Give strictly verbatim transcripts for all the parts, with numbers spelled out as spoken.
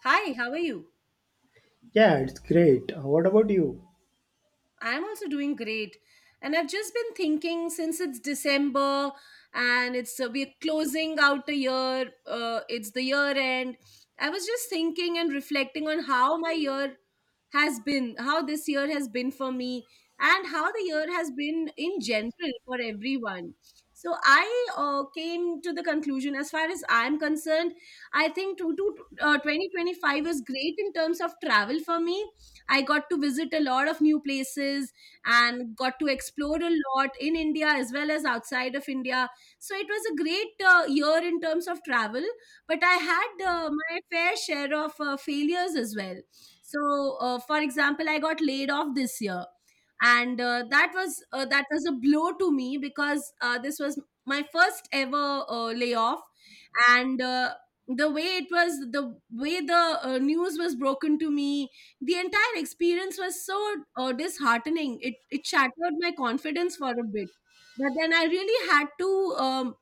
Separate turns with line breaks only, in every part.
Hi, how are you?
Yeah, it's great. Uh, What about you?
I'm also doing great. And I've just been thinking, since it's December and it's uh, we're closing out the year, uh, it's the year end. I was just thinking and reflecting on how my year has been, how this year has been for me, and how the year has been in general for everyone. So I uh, came to the conclusion. As far as I'm concerned, I think to, to, uh, twenty twenty five was great in terms of travel for me. I got to visit a lot of new places and got to explore a lot in India as well as outside of India. So it was a great uh, year in terms of travel, but I had uh, my fair share of uh, failures as well. So, uh, for example, I got laid off this year, and uh, that was uh, that was a blow to me, because uh, this was my first ever uh, layoff, and uh, the way it was, the way the uh, news was broken to me, the entire experience was so uh, disheartening. It it shattered my confidence for a bit, but then I really had to um,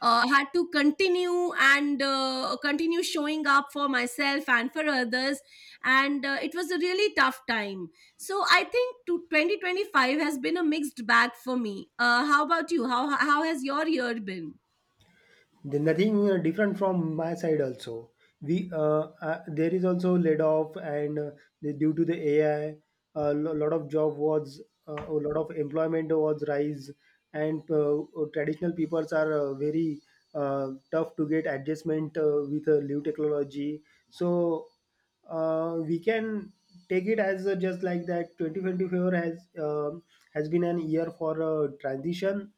uh, had to continue and uh, continue showing up for myself and for others, and uh, it was a really tough time. So I think to twenty twenty five has been a mixed bag for me. Uh, how about you? How how has your year been?
Then nothing uh, different from my side also. We uh, uh, There is also laid off and uh, the- due to the A I, a lo- lot of job was uh, a lot of employment was rise, and uh, uh, traditional peoples are uh, very uh, tough to get adjustment uh, with uh, new technology. So uh, we can take it as uh, just like that. Twenty twenty four has um has been an year for uh, transition,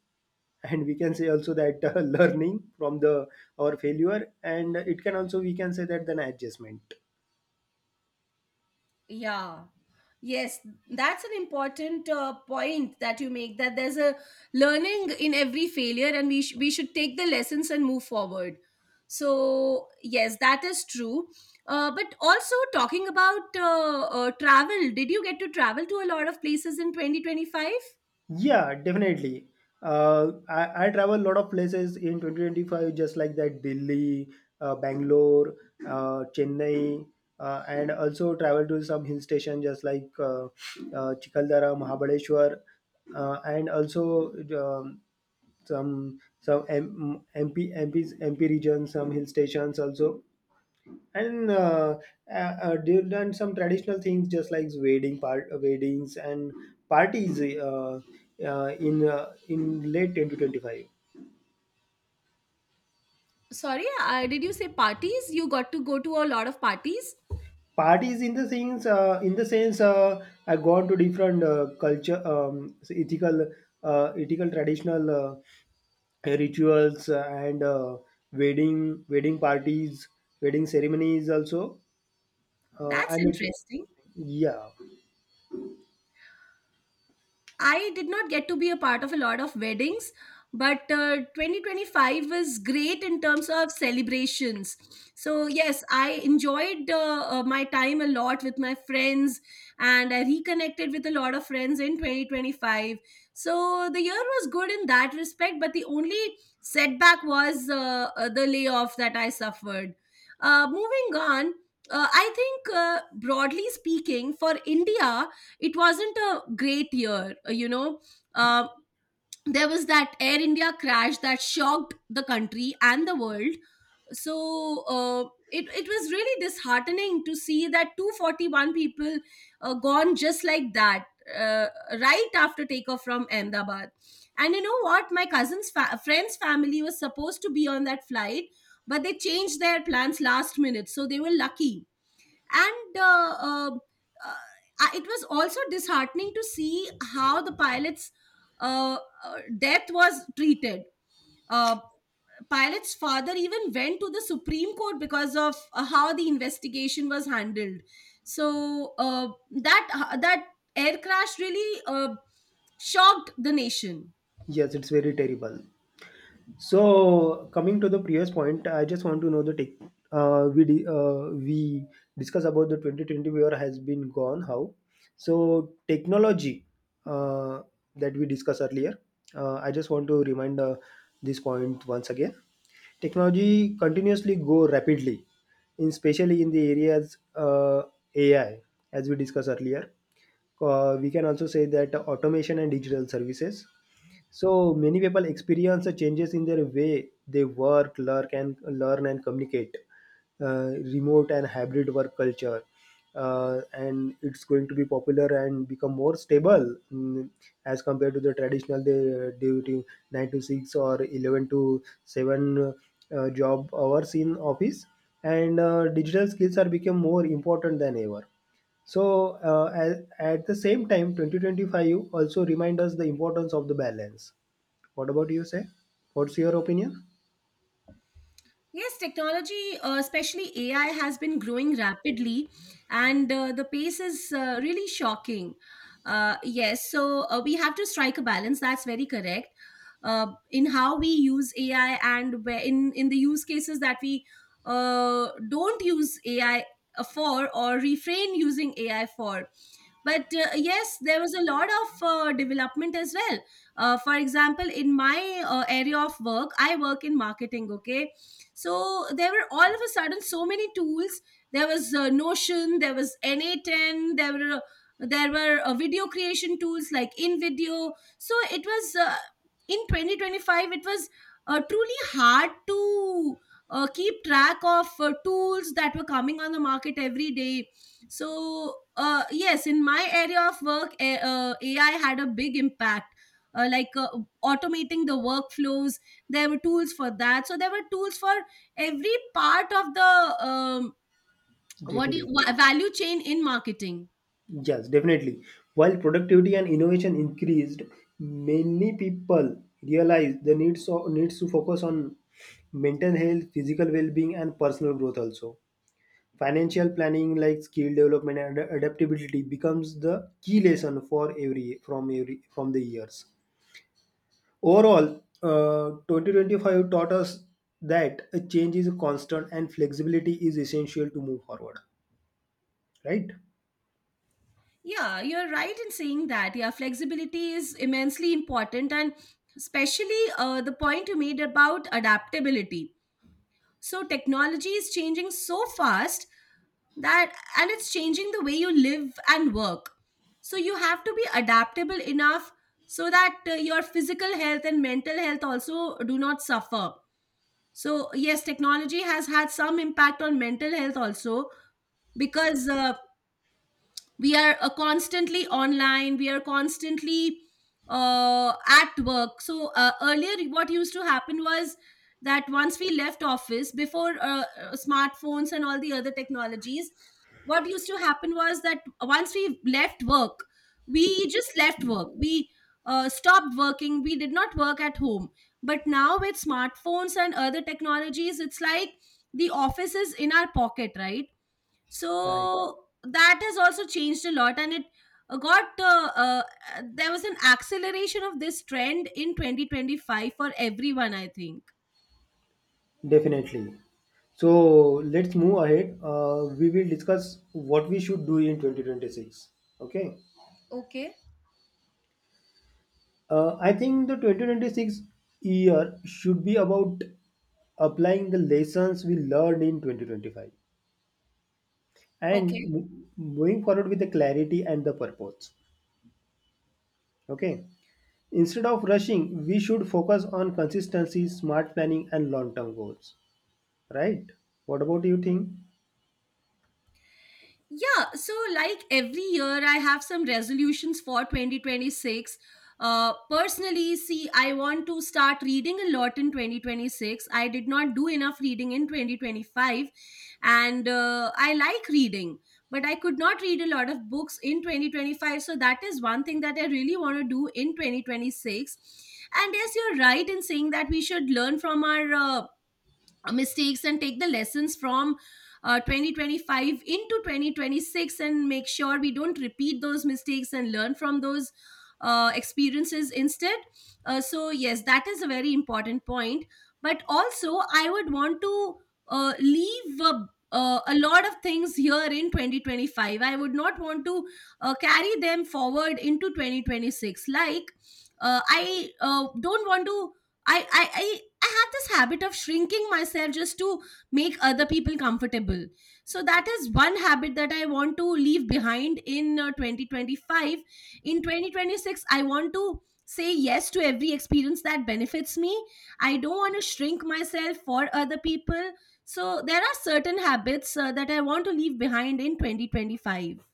and we can say also that uh, learning from the our failure, and it can also we can say that then adjustment.
Yeah. Yes, that's an important uh, point that you make, that there's a learning in every failure and we sh- we should take the lessons and move forward. So, yes, that is true. Uh, but also, talking about uh, uh, travel, did you get to travel to a lot of places in twenty twenty five?
Yeah, definitely. uh, I, I travel a lot of places in twenty twenty-five, just like that, Delhi, uh, Bangalore, uh, Chennai, uh, and also travel to some hill station just like uh, uh, Chikaldara, Mahabaleshwar, uh, and also um, some some M- MP, M Ps, M P regions, some hill stations also. And uh, uh, uh, they've done some traditional things just like wedding part weddings and parties, uh, uh, in uh, in late two thousand twenty-five.
Sorry, uh, did you say parties? You got to go to a lot of parties?
Parties in the things, uh, in the sense, uh, I gone to different uh, culture, um, ethical uh, ethical traditional uh, rituals, and uh, wedding wedding parties, wedding ceremonies also. uh,
That's
I mean.
interesting.
Yeah.
I did not get to be a part of a lot of weddings, but uh, twenty twenty five was great in terms of celebrations. So, yes, I enjoyed uh, uh, my time a lot with my friends, and I reconnected with a lot of friends in twenty twenty five. So, the year was good in that respect, but the only setback was uh, uh, the layoff that I suffered. Uh, moving on, uh, I think, uh, broadly speaking, for India, it wasn't a great year, uh, you know uh, there was that Air India crash that shocked the country and the world. So uh, it, it was really disheartening to see that two hundred forty one people uh, gone just like that, uh, right after takeoff from Ahmedabad. And, you know what, my cousin's fa- friend's family was supposed to be on that flight, but they changed their plans last minute, so they were lucky. And uh, uh, uh, I- it was also disheartening to see how the pilot's uh, uh, death was treated. Uh, Pilot's father even went to the Supreme Court because of uh, how the investigation was handled. So uh, that uh, that air crash really uh, shocked the nation.
Yes, it's very terrible. So coming to the previous point, I just want to know the tech. Uh, we di- uh, we discuss about the twenty twenty year has been gone. How? So technology, uh, that we discussed earlier. Uh, I just want to remind uh, this point once again. Technology continuously go rapidly, in especially in the areas, uh, A I, as we discussed earlier. Uh, we can also say that automation and digital services. So many people experience the changes in their way they work, learn, and learn and communicate. Uh, remote and hybrid work culture, uh, and it's going to be popular and become more stable, mm, as compared to the traditional the duty nine to six or eleven to seven uh, job hours in office. And uh, digital skills are become more important than ever. So uh, at, at the same time, twenty twenty-five also remind us the importance of the balance. What about you, say? What's your opinion?
Yes, technology, uh, especially A I, has been growing rapidly, and uh, the pace is uh, really shocking. Uh, yes, so uh, we have to strike a balance. That's very correct. Uh, in how we use A I, and where — in in the use cases that we uh, don't use A I for, or refrain using A I for. But uh, yes, there was a lot of uh, development as well. Uh, for example, in my uh, area of work, I work in marketing. Okay, so there were, all of a sudden, so many tools. There was uh, Notion, there was n a ten, there were uh, there were uh, video creation tools like invideo. So it was uh, in twenty twenty five, it was uh, truly hard to uh, keep track of uh, tools that were coming on the market every day. So, uh, yes, in my area of work, A- uh, A I had a big impact. Uh, like uh, automating the workflows, there were tools for that. So there were tools for every part of the um,
Day
what
to
do you,
day.
wa- value chain in marketing.
Yes, definitely. While productivity and innovation increased, many people realized the needs of, needs to focus on mental health, physical well-being, and personal growth also. Financial planning like skill development and ad- adaptability becomes the key lesson for every, from every, from the years. Overall, uh, twenty twenty-five taught us that a change is constant and flexibility is essential to move forward. Right?
Yeah, you're right in saying that. Yeah, flexibility is immensely important, and especially uh, the point you made about adaptability. So technology is changing so fast, that and it's changing the way you live and work. So you have to be adaptable enough so that uh, your physical health and mental health also do not suffer. So yes, technology has had some impact on mental health also, because uh, we are uh, constantly online, we are constantly uh, at work. So uh, earlier, what used to happen was that once we left office, before uh, uh, smartphones and all the other technologies — what used to happen was that once we left work, we just left work, we uh, stopped working, we did not work at home. But now, with smartphones and other technologies, it's like the office is in our pocket, right?
Right.
So that has also changed a lot, and it uh, got uh, uh, uh, there was an acceleration of this trend in twenty twenty five for everyone, I think.
Definitely. So let's move ahead. Uh, we will discuss what we should do in twenty twenty-six. Okay.
Okay.
Uh, I think the twenty twenty-six year should be about applying the lessons we learned in twenty twenty-five and
Okay.
mo- moving forward with the clarity and the purpose. Okay. Instead of rushing, we should focus on consistency, smart planning, and long term goals. Right? What about you think?
Yeah, so like every year, I have some resolutions for twenty twenty six. Uh, personally, see, I want to start reading a lot in twenty twenty six. I did not do enough reading in twenty twenty five, and uh, I like reading, but I could not read a lot of books in twenty twenty five. So that is one thing that I really want to do in twenty twenty six. And yes, you're right in saying that we should learn from our uh, uh, mistakes and take the lessons from uh, twenty twenty five into twenty twenty six, and make sure we don't repeat those mistakes and learn from those uh, experiences instead. Uh, so, yes, that is a very important point. But also, I would want to uh, leave a, uh, a lot of things here in twenty twenty five. I would not want to uh, carry them forward into twenty twenty six. Like, uh, I uh, don't want to — I, I i i have this habit of shrinking myself just to make other people comfortable. So that is one habit that I want to leave behind in uh, twenty twenty five. In twenty twenty six, I want to say yes to every experience that benefits me. I don't want to shrink myself for other people. So there are certain habits uh, that I want to leave behind in twenty twenty five.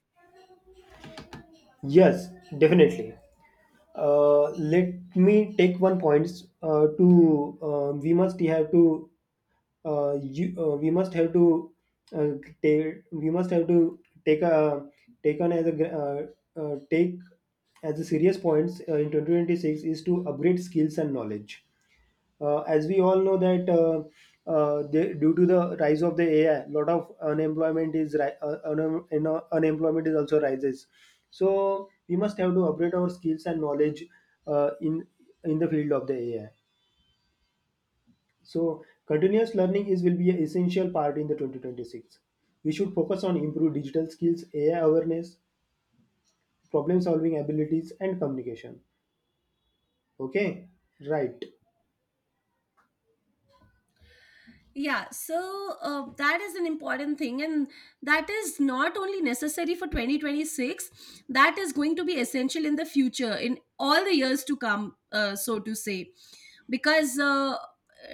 Yes, definitely. Uh, let me take one point. Uh, to uh, we must have to uh, you, uh, we must have to uh, take we must have to take a take on as a gr- uh, uh, take as a serious points uh, in two thousand twenty-six is to upgrade skills and knowledge, uh, as we all know that uh, uh, the, due to the rise of the A I, lot of unemployment is ri- uh, un- you know, unemployment is also rises. So we must have to upgrade our skills and knowledge, uh, in in the field of the A I. So continuous learning is will be an essential part in the twenty twenty-six. We should focus on improved digital skills, A I awareness, problem solving abilities, and communication. Okay, right.
Yeah, so uh, that is an important thing, and that is not only necessary for twenty twenty six, that is going to be essential in the future, in all the years to come, uh, so to say, because uh,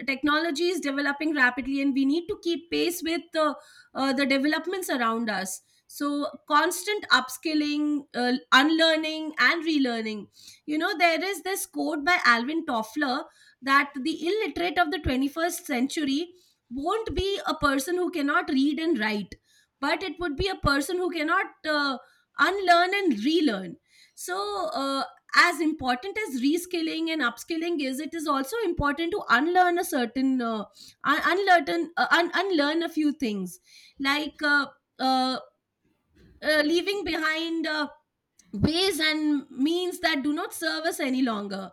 technology is developing rapidly and we need to keep pace with uh, uh, the developments around us. So, constant upskilling, uh, unlearning, and relearning. You know, there is this quote by Alvin Toffler that the illiterate of the twenty first century won't be a person who cannot read and write, but it would be a person who cannot uh, unlearn and relearn. So, uh, as important as reskilling and upskilling is, it is also important to unlearn a certain, uh, un- unlearn, uh, un- unlearn a few things, like uh, uh, uh, leaving behind Uh, ways and means that do not serve us any longer.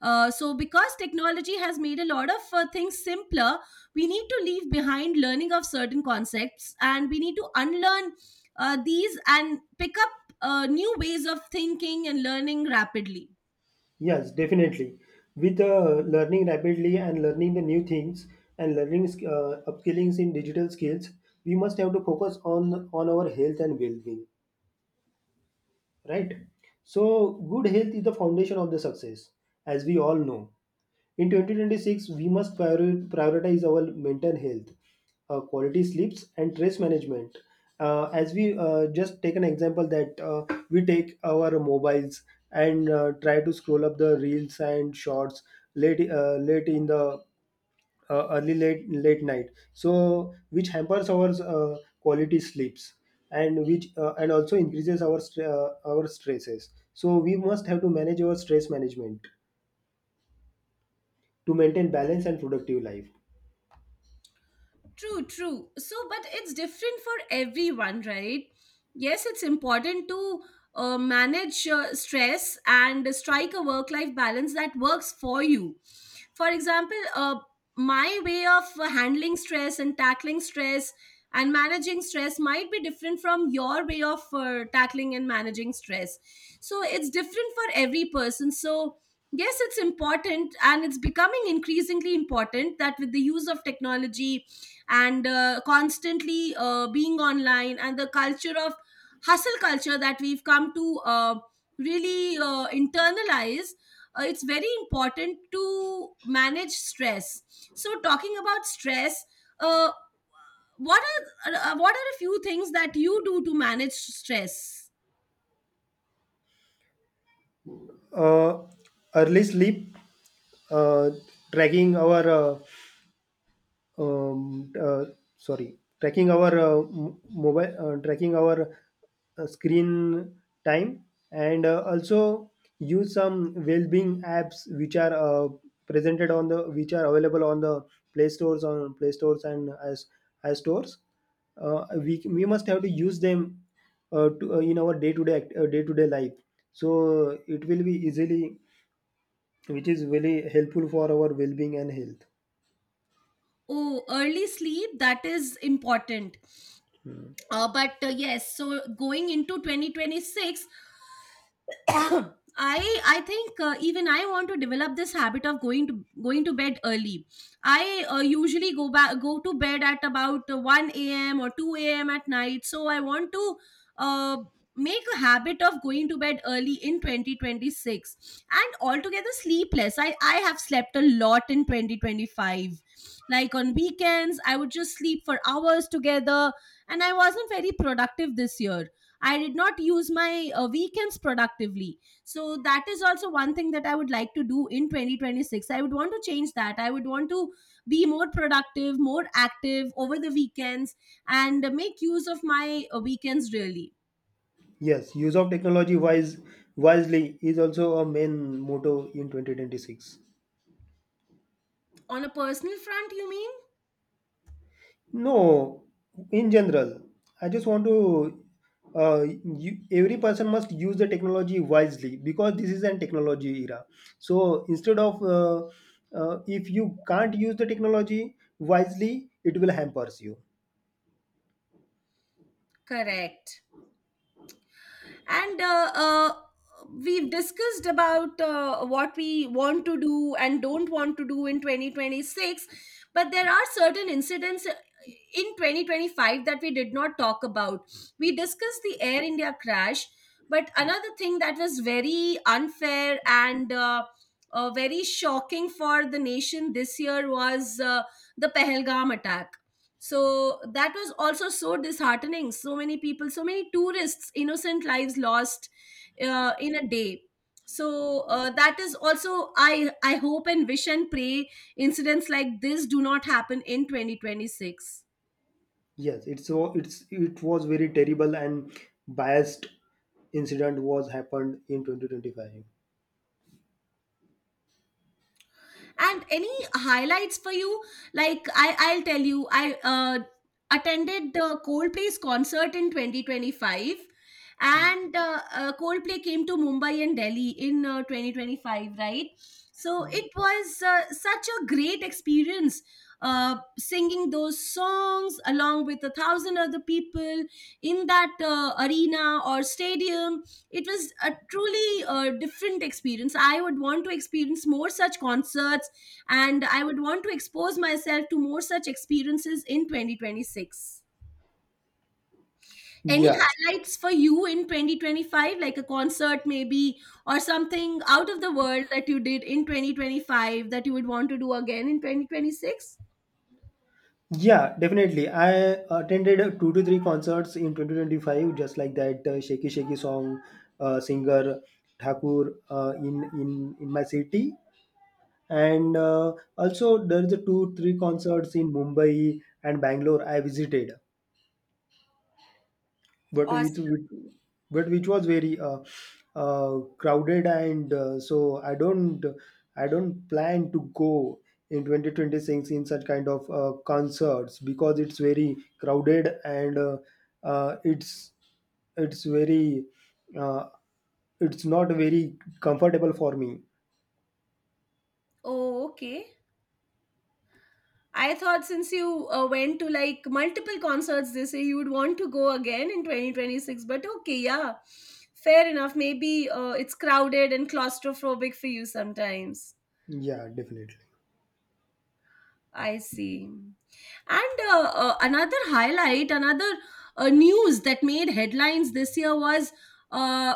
Uh, so, because technology has made a lot of uh, things simpler, we need to leave behind learning of certain concepts, and we need to unlearn uh, these and pick up uh, new ways of thinking and learning rapidly.
Yes, definitely. With uh, learning rapidly and learning the new things and learning sk- uh, upskillings in digital skills, we must have to focus on on our health and well-being, right? So, good health is the foundation of the success, as we all know. In twenty twenty-six, we must priori- prioritize our mental health, uh, quality sleeps, and stress management. Uh, as we uh, just take an example that uh, we take our mobiles and uh, try to scroll up the reels and shorts late uh, late in the uh, early late late night, so which hampers our uh, quality sleeps, and which uh, and also increases our stre- uh, our stresses. So we must have to manage our stress management to maintain balance and productive life.
True, true. So, but it's different for everyone, right? Yes, it's important to uh, manage uh, stress and strike a work life balance that works for you. For example, uh, my way of uh, handling stress and tackling stress and managing stress might be different from your way of uh, tackling and managing stress. So, it's different for every person. So, yes, it's important, and it's becoming increasingly important, that with the use of technology, and uh, constantly uh, being online, and the culture of hustle culture that we've come to uh, really uh, internalize — uh, it's very important to manage stress. So, talking about stress, uh, what are uh, what are a few things that you do to manage stress?
Uh, early sleep, uh, tracking our uh, um, uh, sorry, tracking our uh, m- mobile, uh, tracking our uh, screen time, and uh, also use some well-being apps which are uh, presented on the which are available on the Play stores, on Play stores and as as stores. Uh, we we must have to use them, uh, to, uh, in our day-to-day uh, day-to-day life, so it will be easily which is very helpful for our well-being and health.
Oh, early sleep, that is important. Uh, but uh, yes, so going into twenty twenty six I I think uh, even I want to develop this habit of going to going to bed early. I uh, usually go back go to bed at about uh, one a m or two a m at night. So I want to uh, make a habit of going to bed early in twenty twenty six and altogether sleepless. I I have slept a lot in twenty twenty five. Like on weekends, I would just sleep for hours together, and I wasn't very productive this year. I did not use my uh, weekends productively. So that is also one thing that I would like to do in twenty twenty six. I would want to change that. I would want to be more productive, more active over the weekends and make use of my uh, weekends really.
Yes, use of technology wise wisely is also a main motto in twenty twenty-six.
On a personal front, you mean?
No, in general, I just want to. Uh, you, every person must use the technology wisely because this is an technology era. So instead of, uh, uh, if you can't use the technology wisely, it will hampers you.
Correct. And uh, uh, We've discussed about uh, what we want to do and don't want to do in twenty twenty-six, but there are certain incidents uh, in twenty twenty-five that we did not talk about. We discussed the Air India crash, but another thing that was very unfair and uh, uh, very shocking for the nation this year was uh, the Pehelgam attack. So that was also so disheartening, so many people, so many tourists, innocent lives lost uh, in a day. So uh, that is also i i hope and wish and pray incidents like this do not happen in twenty twenty-six.
Yes, it's so it's it was very terrible and biased incident was happened in twenty twenty-five.
And any highlights for you? Like i i'll tell you, i uh, attended the Coldplay's concert in twenty twenty-five. And uh, uh, Coldplay came to Mumbai and Delhi in uh, twenty twenty-five, right? So it was uh, such a great experience, uh, singing those songs along with a thousand other people in that uh, arena or stadium. It was a truly uh, different experience. I would want to experience more such concerts, and I would want to expose myself to more such experiences in twenty twenty-six. Any
Yes.
highlights for you in twenty twenty-five, like a concert maybe, or something out of the world that you did in twenty twenty-five that you would want to do again in twenty twenty-six?
Yeah, definitely. I attended uh, two to three concerts in twenty twenty-five, just like that, uh, Shaky Shaky song uh, singer Thakur, uh, in, in in my city, and uh, also there's a two three concerts in Mumbai and Bangalore I visited. but which
Awesome.
which- but which was very uh, uh, crowded, and uh, so i don't i don't plan to go in twenty twenty-six in such kind of uh, concerts because it's very crowded, and uh, uh, it's it's very, uh, it's not very comfortable for me.
Oh, okay. I thought since you uh, went to like multiple concerts this year, you would want to go again in twenty twenty-six. But okay, yeah, fair enough. Maybe uh, it's crowded and claustrophobic for you sometimes.
Yeah, definitely.
I see. And uh, uh, another highlight, another uh, news that made headlines this year was uh,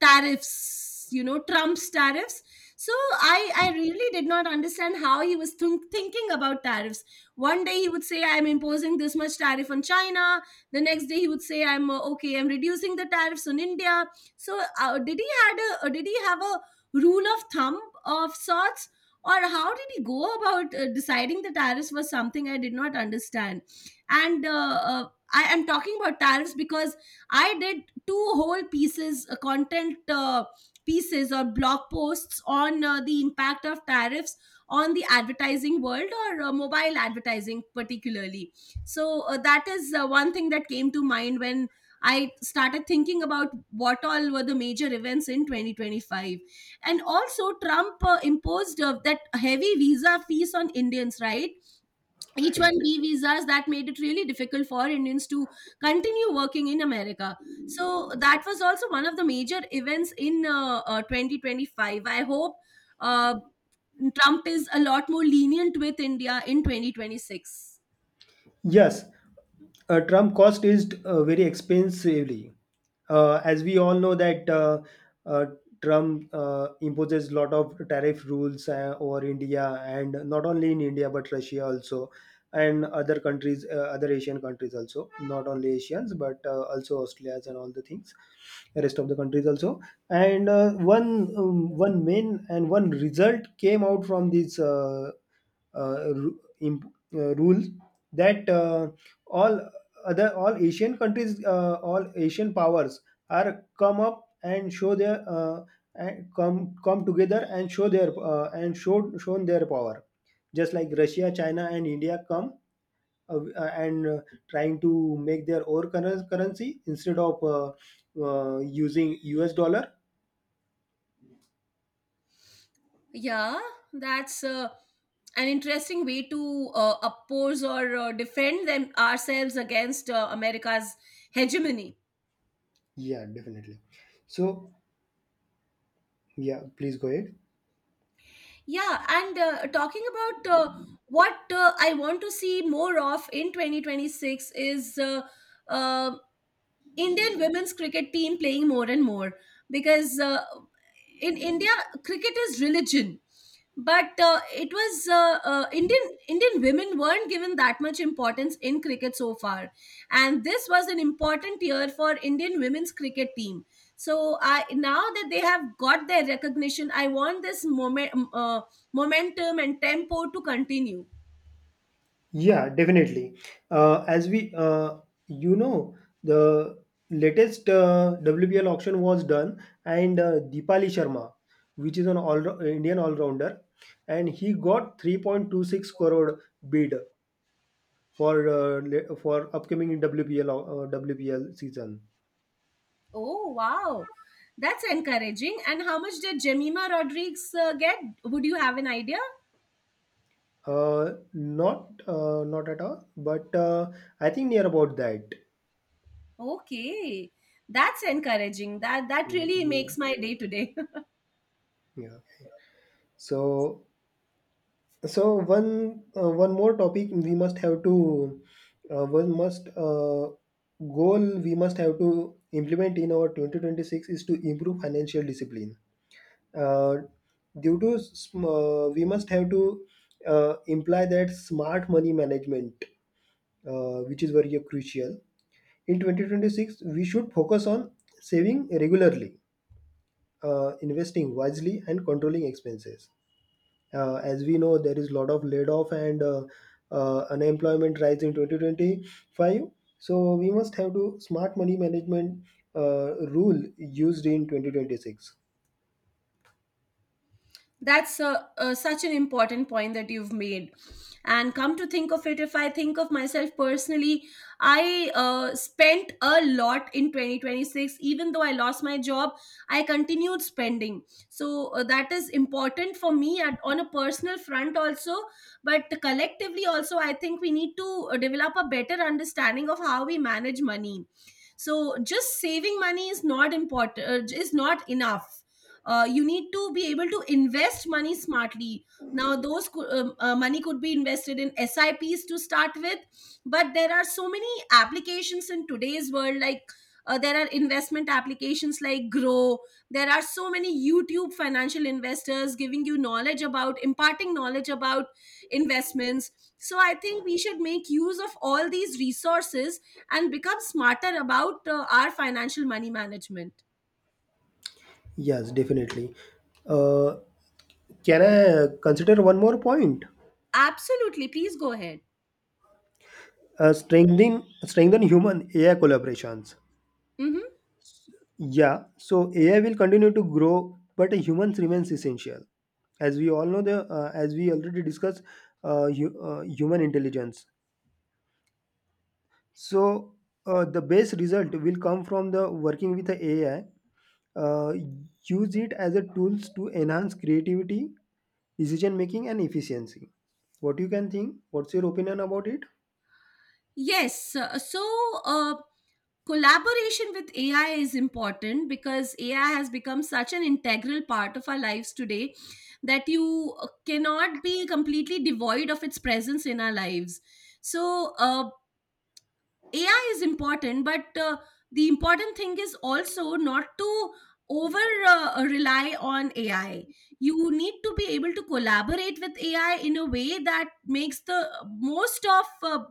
tariffs, you know, Trump's tariffs. So I, I really did not understand how he was think thinking about tariffs. One day he would say, I'm imposing this much tariff on China. The next day he would say, I'm uh, okay, I'm reducing the tariffs on India. So uh, did he had a, uh, did he have a rule of thumb of sorts? Or how did he go about uh, deciding the tariffs was something I did not understand. And uh, uh, I am talking about tariffs because I did two whole pieces uh, content uh, pieces or blog posts on uh, the impact of tariffs on the advertising world or uh, mobile advertising particularly. So uh, that is uh, one thing that came to mind when I started thinking about what all were the major events in twenty twenty-five. And also Trump uh, imposed uh, that heavy visa fees on Indians, right?
Right.
H one B visas that made it really difficult for Indians to continue working in America. So that was also one of the major events in uh, uh, twenty twenty-five. I hope uh, Trump is a lot more lenient with India in twenty twenty-six.
Yes, uh, Trump cost is uh, very expensively. Uh, as we all know that uh, uh, Trump uh, imposes lot of tariff rules uh, over India, and not only in India but Russia also, and other countries, uh, other Asian countries also, not only Asians but uh, also Australians and all the things, the rest of the countries also. And uh, one um, one main and one result came out from this uh, uh, ru- imp- uh, rule, that uh, all other all Asian countries, uh, all Asian powers are come up and show their uh, and come come together and show their uh, and show shown their power, just like Russia, China, and India come, uh, uh, and uh, trying to make their own curren- currency instead of uh, uh, using U S dollar.
Yeah, that's uh, an interesting way to uh, oppose or uh, defend them ourselves against uh, America's hegemony.
Yeah, definitely. So yeah, please go ahead.
Yeah, and uh, talking about uh, what uh, I want to see more of in twenty twenty-six is uh, um Indian women's cricket team playing more and more, because uh, in India cricket is religion, but uh, it was uh, uh, indian Indian women weren't given that much importance in cricket so far. And this was an important year for Indian women's cricket team. So I, now that they have got their recognition, I want this moment, uh, momentum and tempo to continue.
Yeah, definitely. Uh, as we, uh, you know, the latest uh, W B L auction was done, and uh, Deepali Sharma, which is an all Indian all rounder, and he got three point two six crore bid for uh, le- for upcoming W P L au- uh, W P L season.
Oh, wow. That's encouraging. And how much did Jemima Rodriguez uh, get? Would you have an idea?
Uh, not uh, not at all, but uh, I think near about that.
Okay. That's encouraging. That that
Mm.
really
Yeah.
makes my day today.
Yeah. So so one uh, one more topic we must have to, uh, one must uh, goal we must have to implement in our twenty twenty-six is to improve financial discipline, uh, due to sm- uh, we must have to uh, imply that smart money management, uh, which is very crucial in twenty twenty-six. We should focus on saving regularly, uh, investing wisely, and controlling expenses. Uh, as we know, there is a lot of laid off, and uh, uh, unemployment rise in twenty twenty-five. So we must have to smart money management uh, rule used in twenty twenty-six.
That's a, a, such an important point that you've made. And come to think of it, if I think of myself personally, I uh, spent a lot in twenty twenty-six. Even though I lost my job, I continued spending. So uh, that is important for me at, on a personal front also. But collectively also, I think we need to uh, develop a better understanding of how we manage money. So just saving money is not important, uh, is not enough. Uh, you need to be able to invest money smartly. Now those co- um, uh, money could be invested in S I Ps to start with. But there are so many applications in today's world, like uh, there are investment applications like Grow. There are so many YouTube financial investors giving you knowledge about, imparting knowledge about investments. So I think we should make use of all these resources and become smarter about uh, our financial money management.
Yes, definitely. Uh, can I consider one more point?
Absolutely, please go ahead.
Uh, strengthen strengthen human A I collaborations.
Mm-hmm.
Yeah, so A I will continue to grow, but humans remains essential. As we all know, the uh, as we already discussed, uh, hu- uh, human intelligence. So uh, the best result will come from the working with the A I. Uh, Use it as a tools to enhance creativity, decision making, and efficiency. What you can think? What's your opinion about it?
Yes. uh, So, uh, collaboration with A I is important because A I has become such an integral part of our lives today that you uh, cannot be completely devoid of its presence in our lives. So, uh, A I is important, but uh, the important thing is also not to over uh, rely on A I. You need to be able to collaborate with A I in a way that makes the most of uh,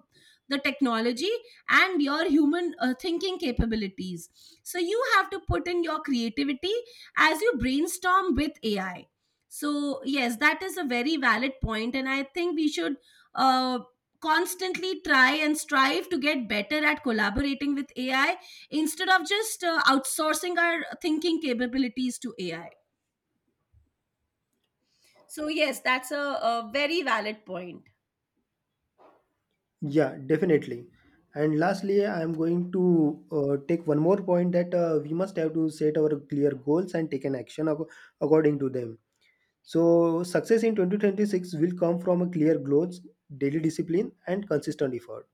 the technology and your human uh, thinking capabilities. So you have to put in your creativity as you brainstorm with A I. So yes, that is a very valid point, and I think we should. Uh, Constantly try and strive to get better at collaborating with A I instead of just uh, outsourcing our thinking capabilities to A I. So, yes, that's a, a very valid point.
Yeah, definitely. And lastly, I am going to uh, take one more point, that uh, we must have to set our clear goals and take an action ac- according to them. So success in twenty twenty-six will come from a clear goals, daily discipline, and consistent effort.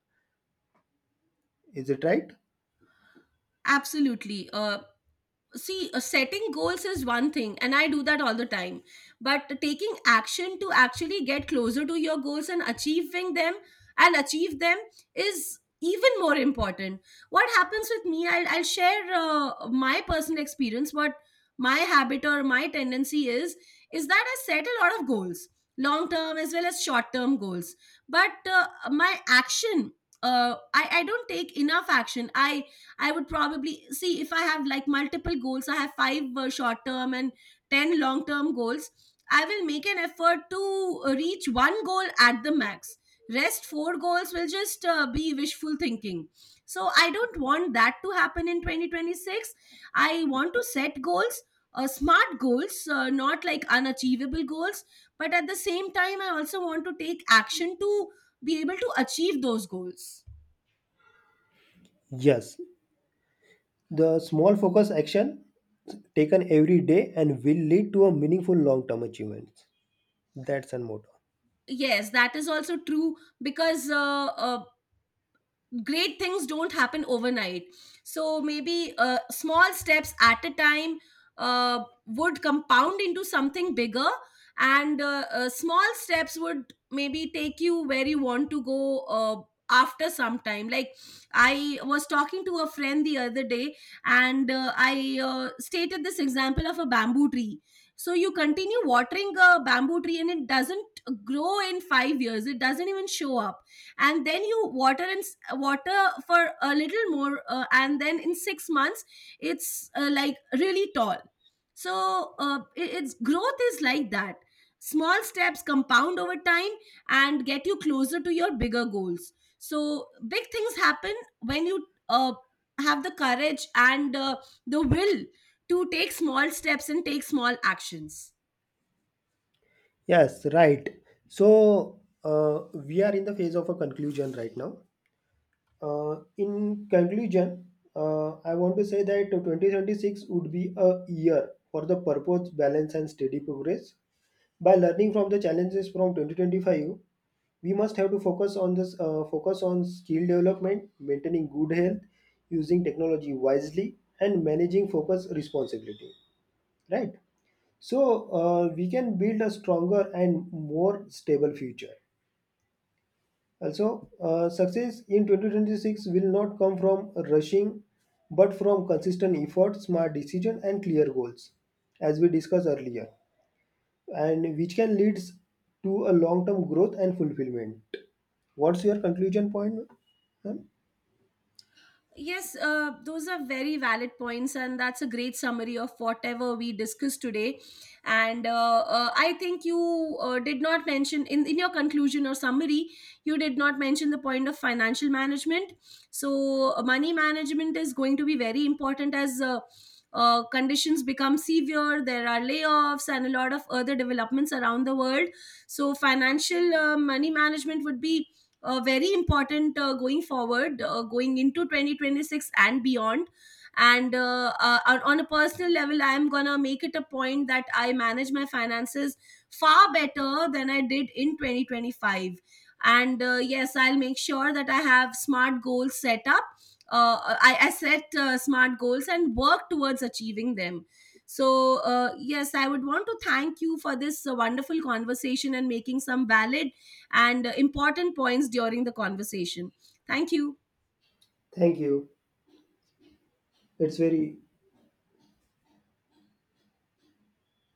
Is it right?
Absolutely. Uh, see, uh, setting goals is one thing and I do that all the time, but taking action to actually get closer to your goals and achieving them, and achieve them is even more important. What happens with me, i'll, I'll share uh, my personal experience, what my habit or my tendency is is that I set a lot of goals, long term as well as short term goals. But uh, my action, uh, I, I don't take enough action. i I would probably see, if I have like multiple goals, I have five uh, short term and ten long term goals. I will make an effort to uh, reach one goal at the max. Rest four goals will just uh, be wishful thinking. So I don't want that to happen in twenty twenty-six. I want to set goals, uh, smart goals, uh, not like unachievable goals. But at the same time, I also want to take action to be able to achieve those goals.
Yes. The small focus action taken every day and will lead to a meaningful long term achievements. That's an motto.
Yes, that is also true, because uh, uh, great things don't happen overnight. So maybe uh, small steps at a time uh, would compound into something bigger. And uh, uh, Small steps would maybe take you where you want to go uh, after some time. Like, I was talking to a friend the other day, and uh, I uh, stated this example of a bamboo tree. So you continue watering a bamboo tree, and it doesn't grow in five years, it doesn't even show up. And then you water and s- water for a little more, uh, and then in six months it's uh, like really tall. So uh, it- its growth is like that. Small steps compound over time and get you closer to your bigger goals. So big things happen when you uh, have the courage and uh, the will to take small steps and take small actions.
Yes, right. So uh, we are in the phase of a conclusion right now. Uh, in conclusion, uh, I want to say that twenty twenty-six would be a year for the purpose, balance, and steady progress. By learning from the challenges from twenty twenty-five, we must have to focus on this uh, focus on skill development, maintaining good health, using technology wisely, and managing focus responsibility, right? So uh, we can build a stronger and more stable future, also uh, success in twenty twenty-six will not come from rushing, but from consistent effort, smart decision, and clear goals, as we discussed earlier, and which can leads to a long-term growth and fulfillment. What's your conclusion point, ma'am?
Yes, uh, those are very valid points, and that's a great summary of whatever we discussed today. And uh, uh, I think you uh, did not mention in, in your conclusion or summary, you did not mention the point of financial management. So, uh, money management is going to be very important as uh, uh, conditions become severe. There are layoffs and a lot of other developments around the world. So, financial uh, money management would be uh, very important uh, going forward, uh, going into twenty twenty-six and beyond. And uh, uh, on on a personal level, I'm gonna make it a point that I manage my finances far better than I did in twenty twenty-five. And uh, yes, I'll make sure that I have smart goals set up. Uh, I, I set uh, smart goals and work towards achieving them. So, uh, yes, I would want to thank you for this uh, wonderful conversation and making some valid and uh, important points during the conversation. Thank you.
Thank you. It's very